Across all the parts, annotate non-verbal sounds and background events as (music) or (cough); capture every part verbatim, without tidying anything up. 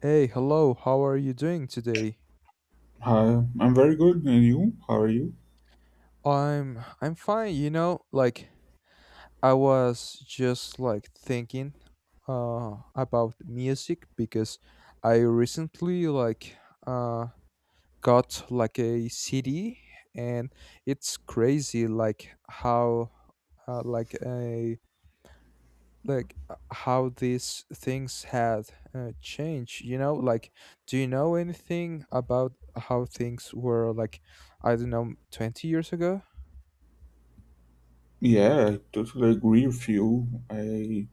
Hey, hello. How are you doing today? Hi, I'm very good. And you? How are you? I'm I'm fine, you know, like I was just like thinking uh about music because I recently like uh got like a C D. And it's crazy like how uh, like a like uh, how these things had uh, changed, you know like, do you know anything about how things were like, I don't know, twenty years ago? Yeah, I totally agree with you. I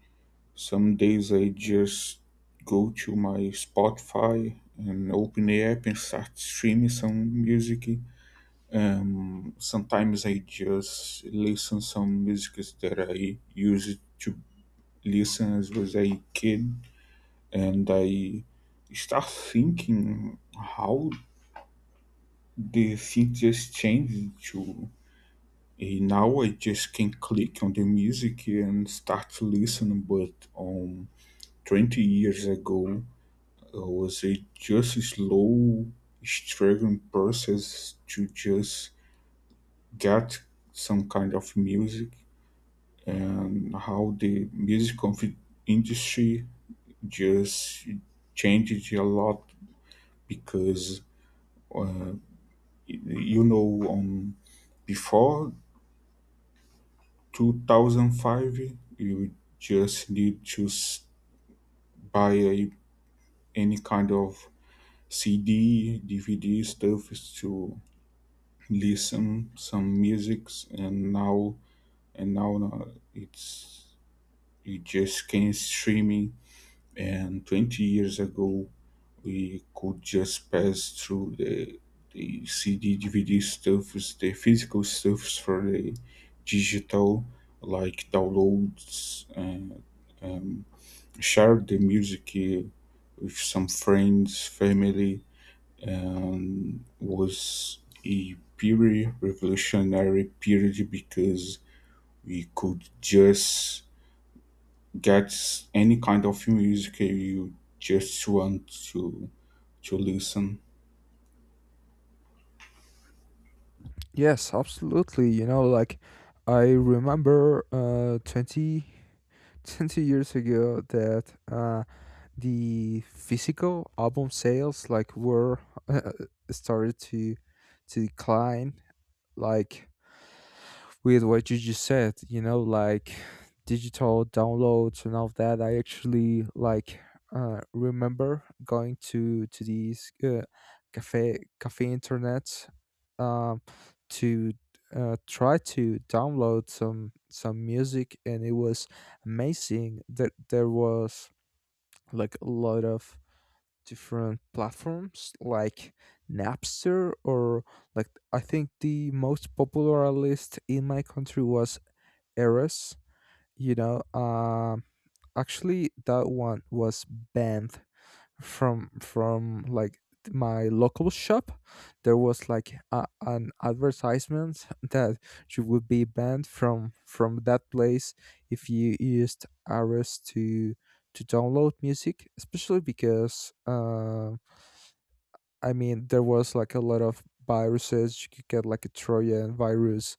Some days I just go to my Spotify and open the app and start streaming some music. Um, sometimes I just listen some music that I used to listen as was a kid, and I start thinking how the things just changed to Eh, now I just can click on the music and start to listen, but um, twenty years ago, I was a just a slow, struggling process to just get some kind of music and how the music of the industry just changed a lot because uh, you know um, before two thousand five you just need to s- buy a, any kind of C D, D V D stuff is to listen some musics, and now and now uh, it's you just can streaming. And twenty years ago, we could just pass through the the C D, D V D stuffs, the physical stuffs for the digital, like downloads, uh, um, share the music uh, with some friends, family, um, was a purely revolutionary period because we could just get any kind of music you just want to to listen. Yes, absolutely. You know, like, I remember uh twenty (laughs) twenty years ago that uh the physical album sales like were (laughs) started to to decline, like, with what you just said, you know, like digital downloads and all of that. I actually like uh, remember going to to these uh, cafe cafe internet, um, to uh, try to download some some music, and it was amazing that there was like a lot of different platforms like Napster, or like I think the most popular list in my country was eras, you know. Um actually that one was banned from from like my local shop. There was like a, an advertisement that you would be banned from from that place if you used eras to to download music, especially because uh, I mean, there was like a lot of viruses. You could get like a trojan virus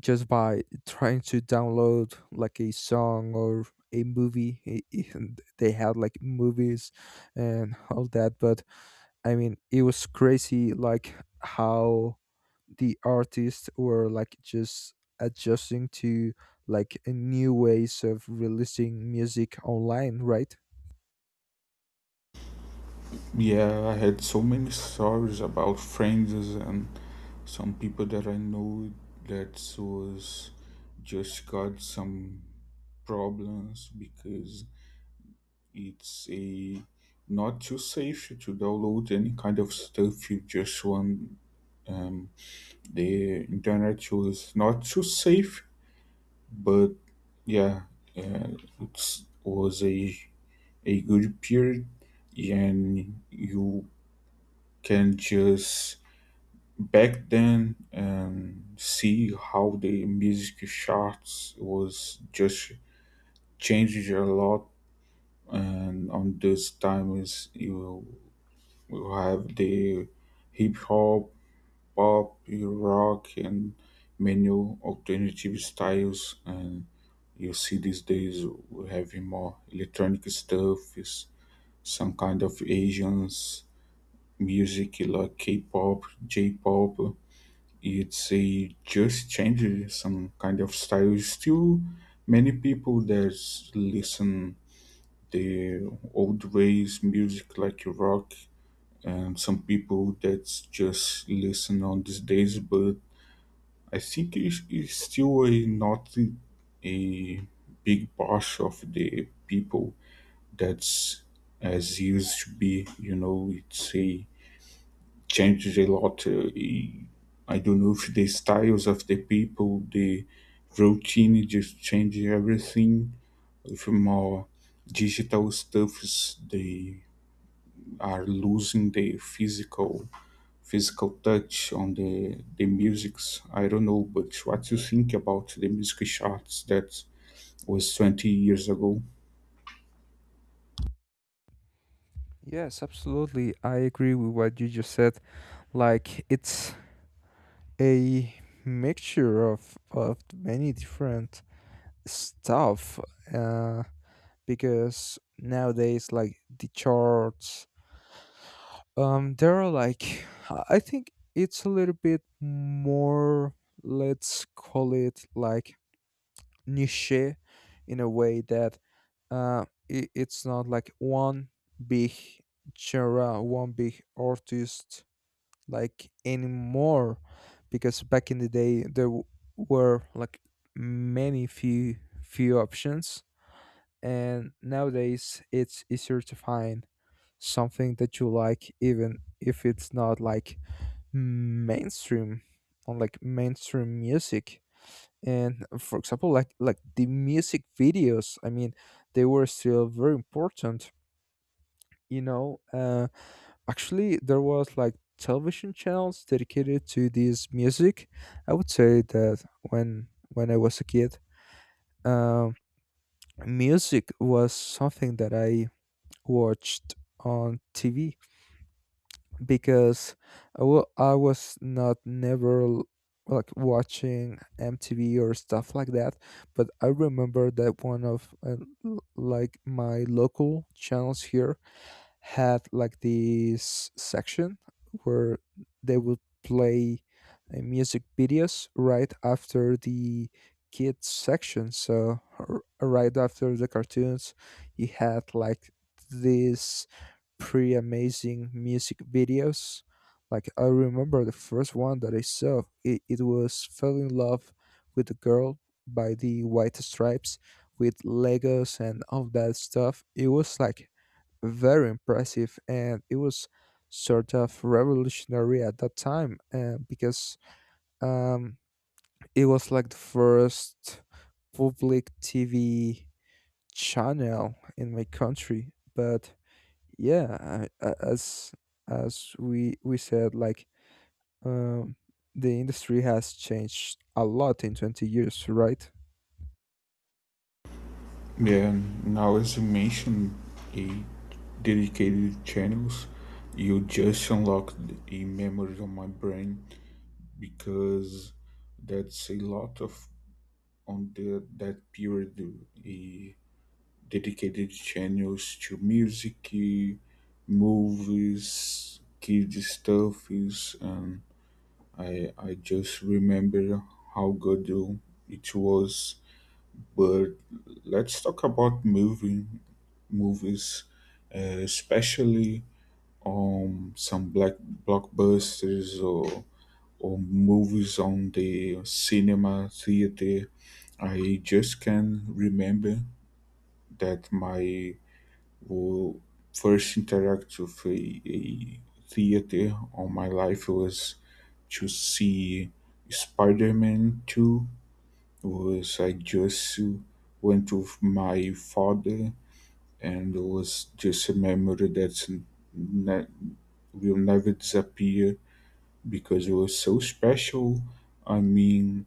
just by trying to download like a song or a movie. I- i- and they had like movies and all that. But I mean it was crazy like how the artists were like just adjusting to, like, uh, new ways of releasing music online, right? Yeah, I had so many stories about friends and some people that I know that was just got some problems because it's a not too safe to download any kind of stuff you just want. Um, the internet was not too safe, but yeah, uh, it was a a good period, and you can just back then, um, see how the music charts was just changed a lot. And on this time is you. We have the hip hop, pop, rock, and many alternative styles. And you see these days we having more electronic stuff, is some kind of Asians music like K-pop, J-pop. It's a just changed some kind of style. Still, many people that listen the old ways music like rock, um, some people that just listen on these days, but I think it's, it's still a, not a big part of the people that's as used to be. You know, it's a changes a lot. Uh, e- I don't know if the styles of the people, the routine just changes everything. With more digital stuffs, they are losing the physical physical touch on the the musics. I don't know, but what you think about the music charts that was twenty years ago? Yes, absolutely, I agree with what you just said. Like, it's a mixture of of many different stuff. uh, because nowadays like the charts, um there are like, i I think, it's a little bit more, let's call it, like, niche, in a way that uh i- it's not like one big genre, one big artist, like, anymore. Because back in the day, there w- were like many few few options, and nowadays it's easier to find something that you like, even if it's not like mainstream, on, like, mainstream music. And for example, like, like the music videos, I mean, they were still very important, you know. Uh actually, there was like television channels dedicated to this music. I would say that when when I was a kid, um music was something that I watched on T V. Because I wa- I was not never l- like watching M T V or stuff like that, but I remember that one of uh, l- like my local channels here had like this section where they would play uh, music videos right after the kids section, so r- right after the cartoons, you had like this pretty amazing music videos. Like I remember the first one that I saw, it, it was Fell in Love with the Girl by the White Stripes, with Legos and all that stuff. It was like very impressive, and it was sort of revolutionary at that time, uh, because um, it was like the first public T V channel in my country. But yeah, I- a- as as we we said, like, um the industry has changed a lot in twenty years, right? Yeah, now as you mentioned, a dedicated channels, you just unlocked a memory on my brain because that's a lot of on the that period a dedicated channels to music, eh, movies, kids stuff is, um, I I just remember how good uh, it was. But let's talk about movie movies, uh, especially um some black blockbusters or or movies on the cinema theater. I just can remember that my who first interact with a, a theater all my life was to see Spider-Man two. Was I just went with my father and it was just a memory that's ne- will never disappear because it was so special. I mean,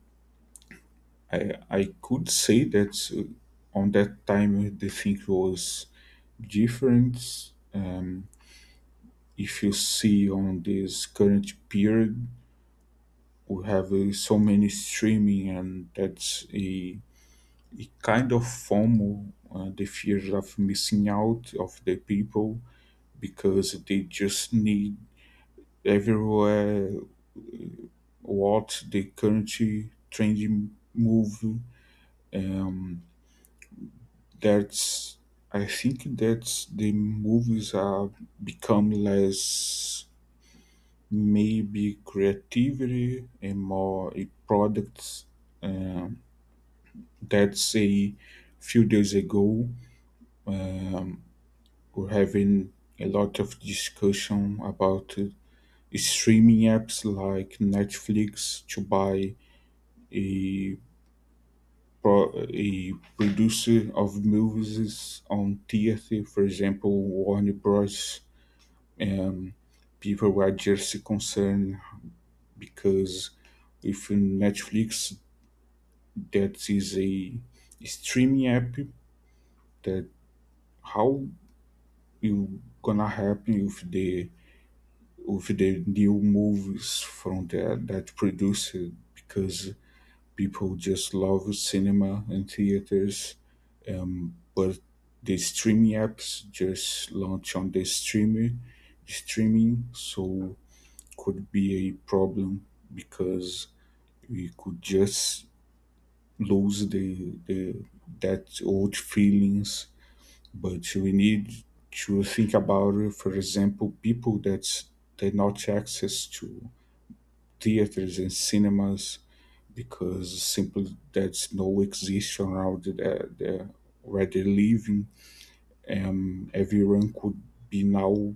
I, I could say that, uh, on that time the thing was different. Um, if you see on this current period, we have uh, so many streaming, and that's a, a kind of FOMO, uh, the fear of missing out of the people because they just need everywhere what the current trending movie. Um, that's I think that the movies are become less maybe creativity and more a products, um, that say few days ago, um, we're having a lot of discussion about uh, streaming apps like Netflix to buy a pro- a producer of movies on theater, for example, Warner Bros. Um, People were just concerned because if Netflix that is a streaming app that how you gonna help you with the with the new movies from that that produce, because people just love cinema and theaters, um but the streaming apps just launch on the streamer streaming, so could be a problem because we could just lose the the that old feelings. But we need to think about, for example, people that they not access to theaters and cinemas because simply that's no exist around the, the, where they're living, and everyone could be now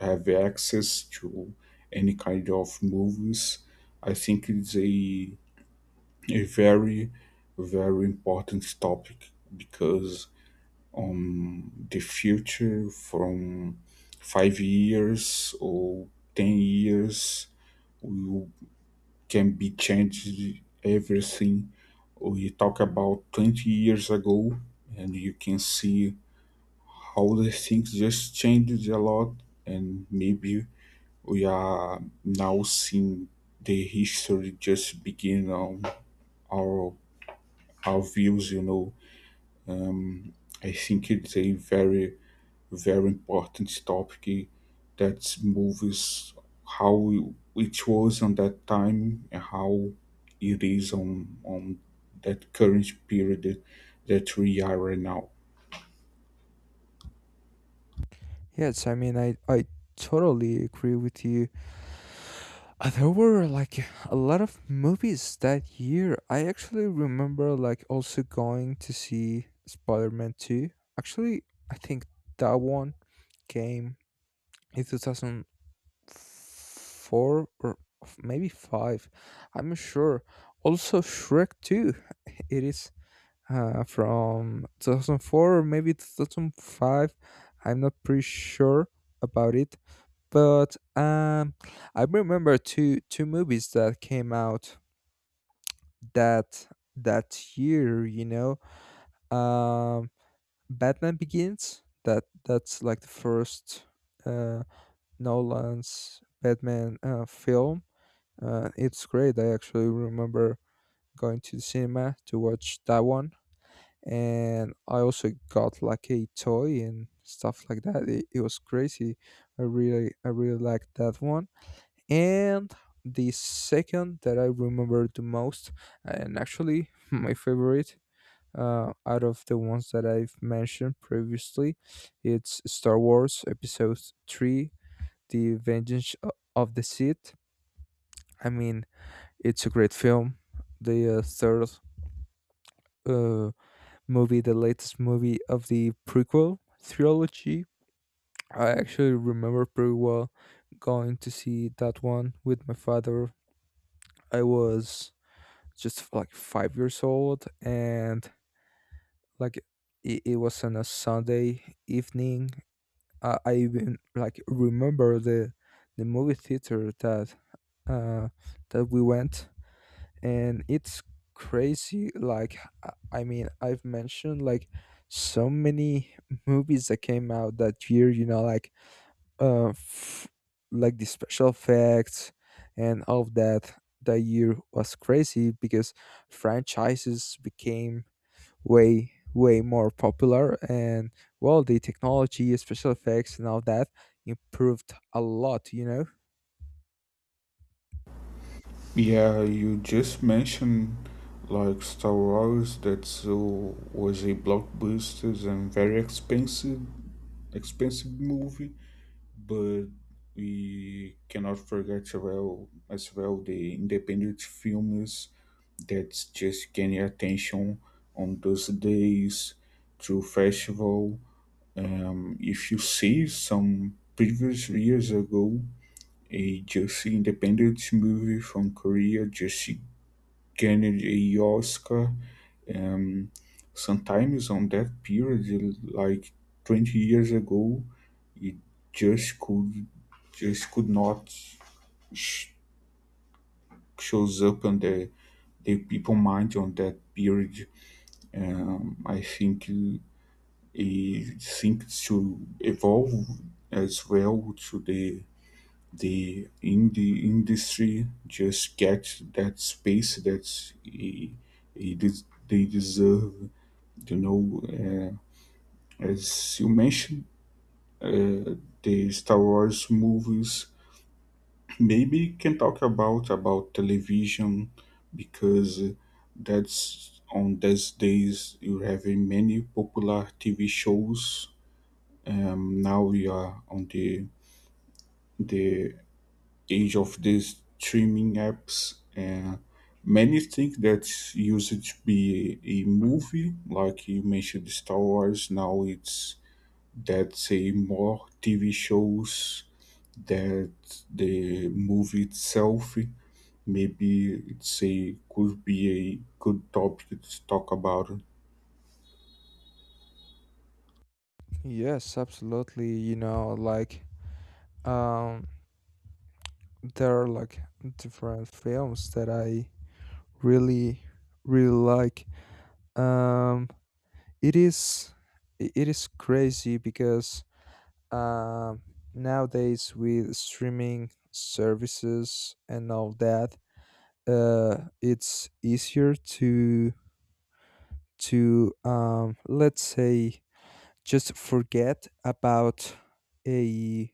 have access to any kind of movies. I think it's a a very very important topic because on the future from five years or ten years we can be changed everything. We talk about twenty years ago and you can see how the things just changed a lot, and maybe we are now seeing the history just begin on our our views, you know um, I think it's a very very important topic that movies how it was on that time and how it is on on that current period that we are right now. Yes, I mean, i i totally agree with you. Uh, there were like a lot of movies that year. I actually remember like also going to see Spider-Man two. Actually, I think that one came in two thousand four, or f- maybe five. I'm not sure. Also, Shrek two. It is uh, from twenty oh four or maybe two thousand five. I'm not pretty sure about it. But um, I remember two two movies that came out that that year, you know. um, Batman Begins. That that's like the first uh, Nolan's Batman uh, film. Uh, it's great. I actually remember going to the cinema to watch that one, and I also got like a toy and stuff like that. It, it was crazy. I really, I really liked that one. And the second that I remember the most, and actually (laughs) my favorite, uh, out of the ones that I've mentioned previously, it's Star Wars Episode Three: The Vengeance o- of the Sith. I mean, it's a great film. The uh, third uh, movie, the latest movie of the prequel trilogy. I actually remember pretty well going to see that one with my father. I was just like five years old, and like it, it was on a Sunday evening. Uh, I even like remember the the movie theater that uh, that we went, and it's crazy. Like, i I mean, I've mentioned like so many movies that came out that year, you know. Like, uh f- like the special effects and all of that, that year was crazy, because franchises became way way more popular. And, well, the technology, special effects and all that, improved a lot you know Yeah, you just mentioned like Star Wars that so, was a blockbuster and very expensive expensive movie, but we cannot forget as well as well the independent films that's just getting attention on those days through festival. Um, if you see some previous years ago, a just independent movie from Korea just gained a Oscar. Um, Sometimes on that period, like twenty years ago, it just could just could not sh- shows up on the the people mind on that period. Um, I think it seems to evolve as well to the the indie industry just get that space that it, it des- they deserve. You know, uh, as you mentioned, uh, the Star Wars movies maybe can talk about about television, because that's on these days you have many popular T V shows, um, now we are on the the age of these streaming apps. Uh, many think that used to be a movie like you mentioned Star Wars, now it's that's a more TV shows that the movie itself, maybe it's a could be a good topic to talk about. Yes, absolutely, you know, like, um there are like different films that I really really like. Um, it is i- it is crazy because, um, nowadays, with streaming services and all that, uh, it's easier to to um, let's say, just forget about a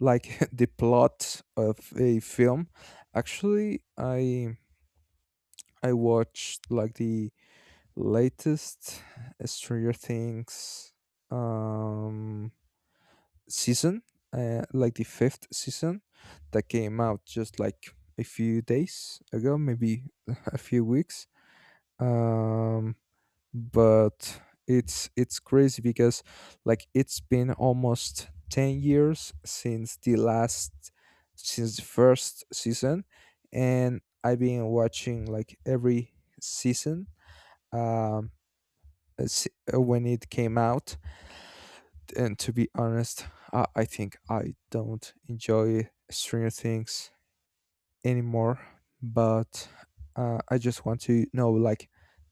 like, (laughs) the plot of a film. Actually, I I watched like the latest Stranger Things um season, uh, like the fifth season, that came out just like a few days ago, maybe (laughs) a few weeks. Um, but it's it's crazy because, like, it's been almost ten years since the last, since the first season, and I've been watching like every season, um, s- uh, when it came out. And to be honest, I, I think I don't enjoy Stranger Things anymore. But uh, I just want to know, like,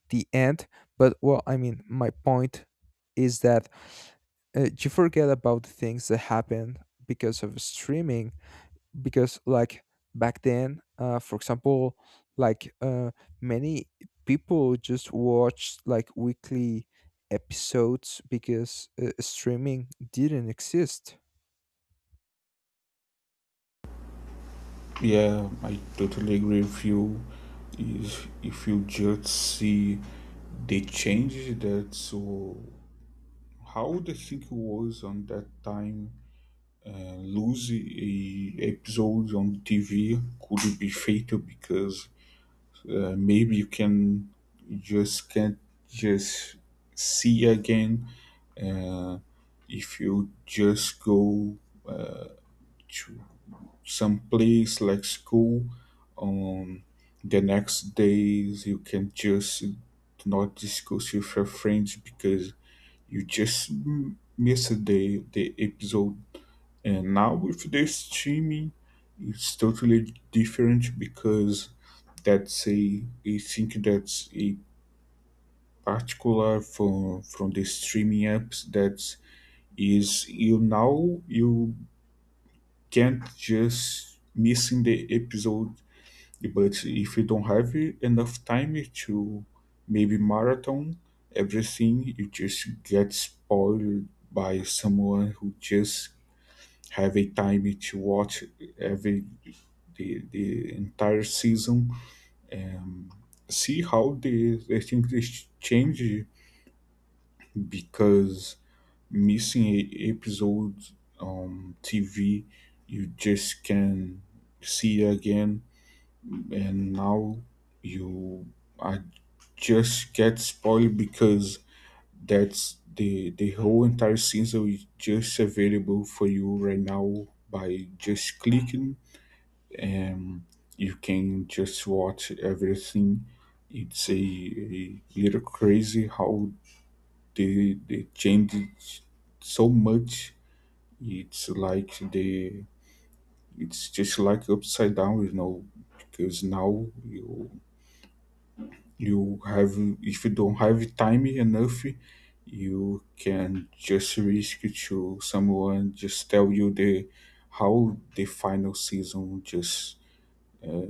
the end. But, well, I mean, my point is that, uh, you forget about the things that happen because of streaming. Because like, back then, uh, for example, like, uh, many people just watched like weekly episodes, because uh, streaming didn't exist. Yeah, I totally agree with you. If, if you just see they changed that, so how the thing was on that time, uh, lose a episodes on T V could be fatal because, uh, maybe you can just can't just see again. uh, if you just go to some place like school, um the next days you can just not discuss with your friends because you just m- miss the the episode. And now with the streaming it's totally different because that's a I think that's a particular from from the streaming apps that is you now you can't just missing the episode. But if you don't have enough time to maybe marathon everything, you just get spoiled by someone who just have a time to watch every the, the entire season, and see how they I think they sh- change because missing a episode on T V you just can see again, and now you are just get spoiled because that's the the whole entire season is just available for you right now by just clicking, and you can just watch everything. It's a, a little crazy how they they changed it so much. It's like the it's just like upside down, you know, because now you you have if you don't have time enough you can just risk to someone just tell you the how the final season just, uh,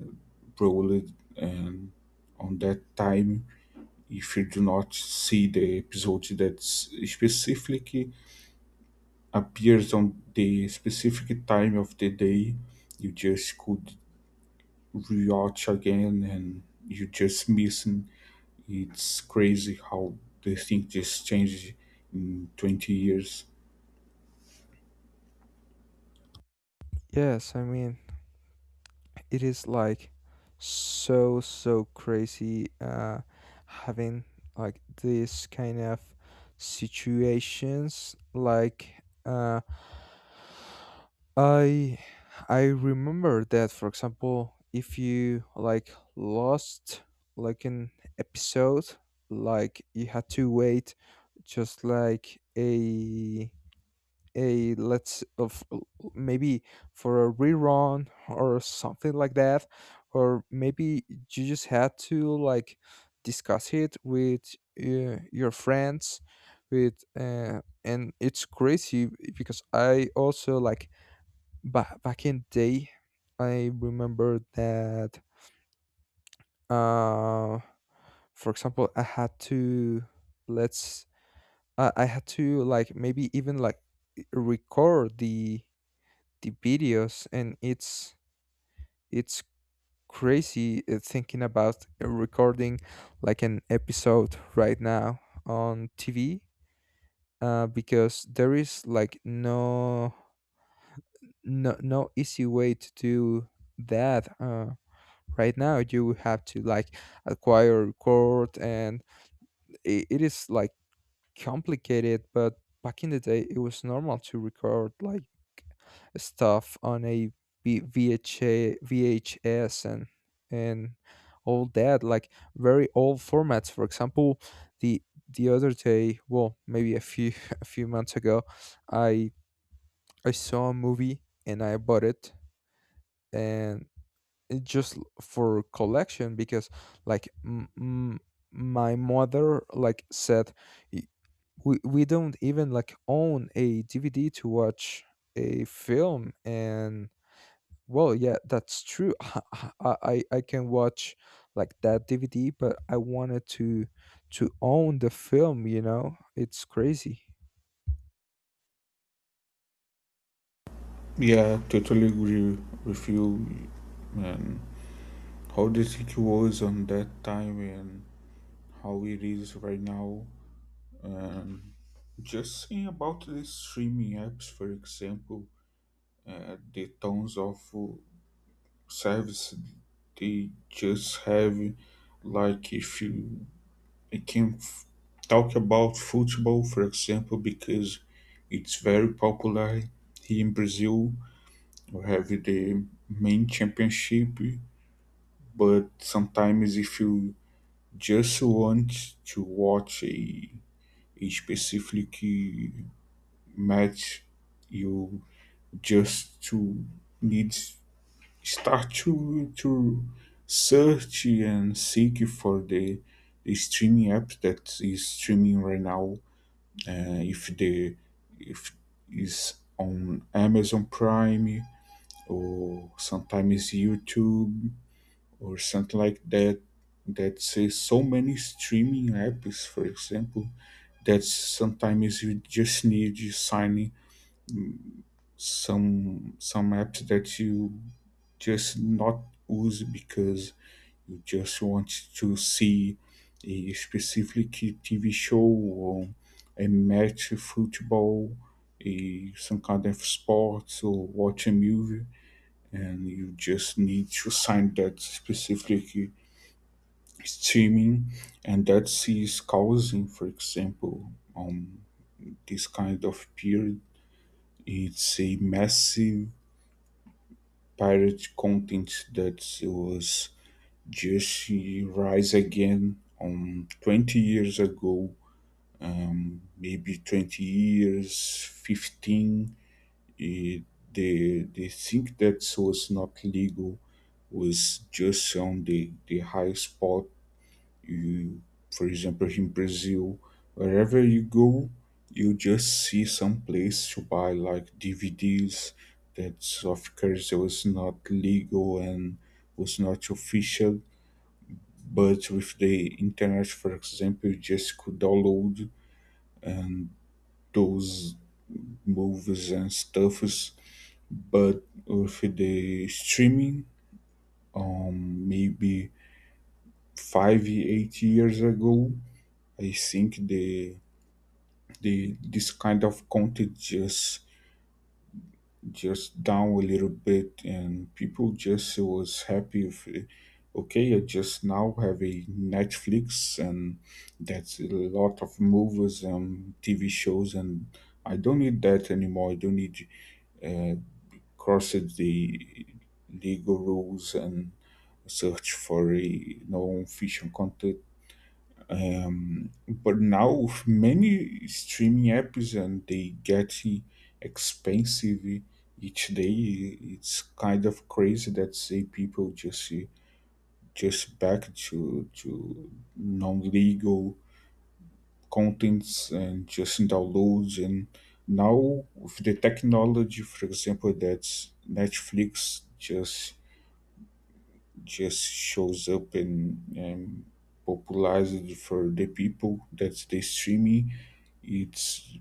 rolled. And on that time, if you do not see the episode that specifically appears on the specific time of the day, you just could rewatch again and you just missing. It's crazy how they think just changed in twenty years. Yes, I mean, it is like so so crazy, uh having like this kind of situations. Like, uh i i remember that, for example, if you like lost like an episode, like you had to wait just like a a let's of maybe for a rerun or something like that. Or maybe you just had to like discuss it with uh, your friends, with uh, and it's crazy because I also, like, ba- back in day, I remember that, uh for example, i had to let's i i had to like maybe even like record the the videos. And it's it's crazy, uh, thinking about uh, recording like an episode right now on T V, uh, because there is like no no no easy way to do that. Uh, right now you have to like acquire, record, and it, it is like complicated. But back in the day, it was normal to record like stuff on a V- VHA, V H S, and and all that, like very old formats. For example, the the other day, well, maybe a few (laughs) a few months ago, I I saw a movie and I bought it, and it just l- for collection, because, like, m- m- my mother, like, said, "Y- we we don't even like own a D V D to watch a film." And, well, yeah, that's true. (laughs) I I, I can watch like that D V D, but I wanted to to own the film, you know it's crazy. Yeah, totally agree with you. And how the city was on that time and how it is right now. And just saying about the streaming apps, for example, uh, the tons of uh, service they just have. Like if you I can f- talk about football, for example, because it's very popular here in Brazil. We have the main championship, but sometimes if you just want to watch a, a specific match, you just to need start to to search and seek for the, the streaming app that is streaming right now, uh, if the if is on Amazon Prime or sometimes YouTube or something like that. That's, uh, so many streaming apps, for example, that sometimes you just need you signing some some apps that you just not use because you just want to see a specific T V show or a match of football, a, some kind of sports or watch a movie, and you just need to sign that specific streaming, and that is causing, for example, um, this kind of period. It's a massive pirate content that was Jesse Rise Again on twenty years ago, um, maybe twenty years, fifteen. It, they, they think that was not legal was just on the, the high spot. You, for example, in Brazil, wherever you go, you just see some place to buy like D V Ds that, of course, was not legal and was not official, but with the internet, for example, you just could download and those movies and stuffs. But with the streaming, um, maybe five, eight years ago, I think the the this kind of content just just down a little bit, and people just was happy if, uh, okay, I just now have a Netflix and that's a lot of movies and TV shows, and I don't need that anymore. I don't need, uh cross the legal rules and search for a non-fiction content. Um, but now with many streaming apps and they get expensive each day, it's kind of crazy that say people just just back to to non-legal contents and just downloads, and now with the technology, for example, that Netflix just just shows up and, and popularized for the people. That's the streaming. It's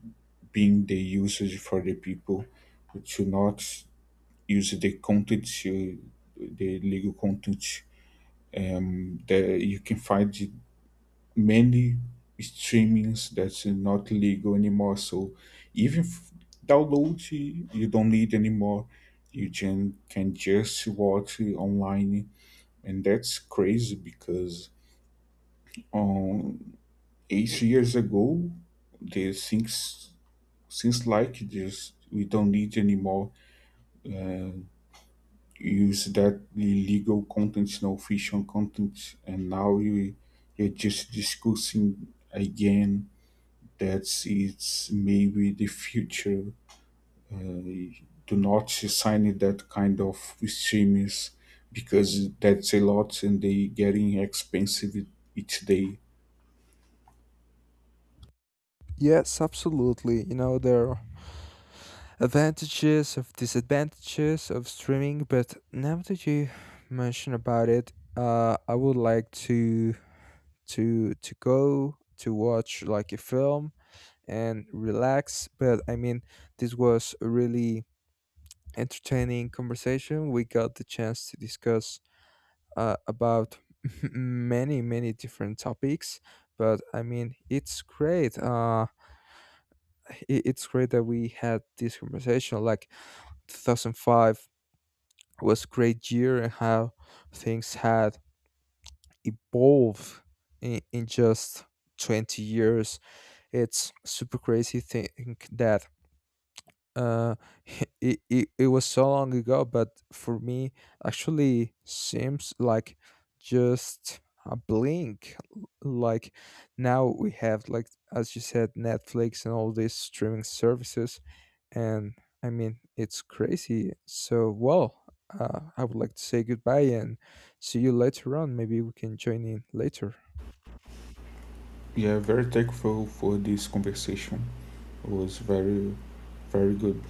being the usage for the people to not use the content, uh, the legal content. Um, that you can find many streamings that's not legal anymore. So even f- download, you don't need anymore. You can, can just watch online, and that's crazy because um eight years ago they things since like just we don't need anymore, uh, use that illegal content, no fiction content, and now you you're just discussing again that it's maybe the future. Uh, do not sign that kind of streams because that's a lot and they getting expensive each day. Yes, absolutely, you know, there are advantages of disadvantages of streaming, but now that you mention about it, uh I would like to to to go to watch like a film and relax. But I mean, this was a really entertaining conversation. We got the chance to discuss, uh, about, (laughs) many many different topics. But I mean, it's great. Uh, it, it's great that we had this conversation. Like, two thousand five was great year, and how things had evolved, in, in just twenty years. It's super crazy think that, uh (laughs) it, it, it was so long ago, but for me actually seems like just a blink. L- like, now we have like, as you said, Netflix and all these streaming services, and I mean, it's crazy. So, well, uh, I would like to say goodbye and see you later on, maybe we can join in later. Yeah, very thankful for this conversation. It was very, very good.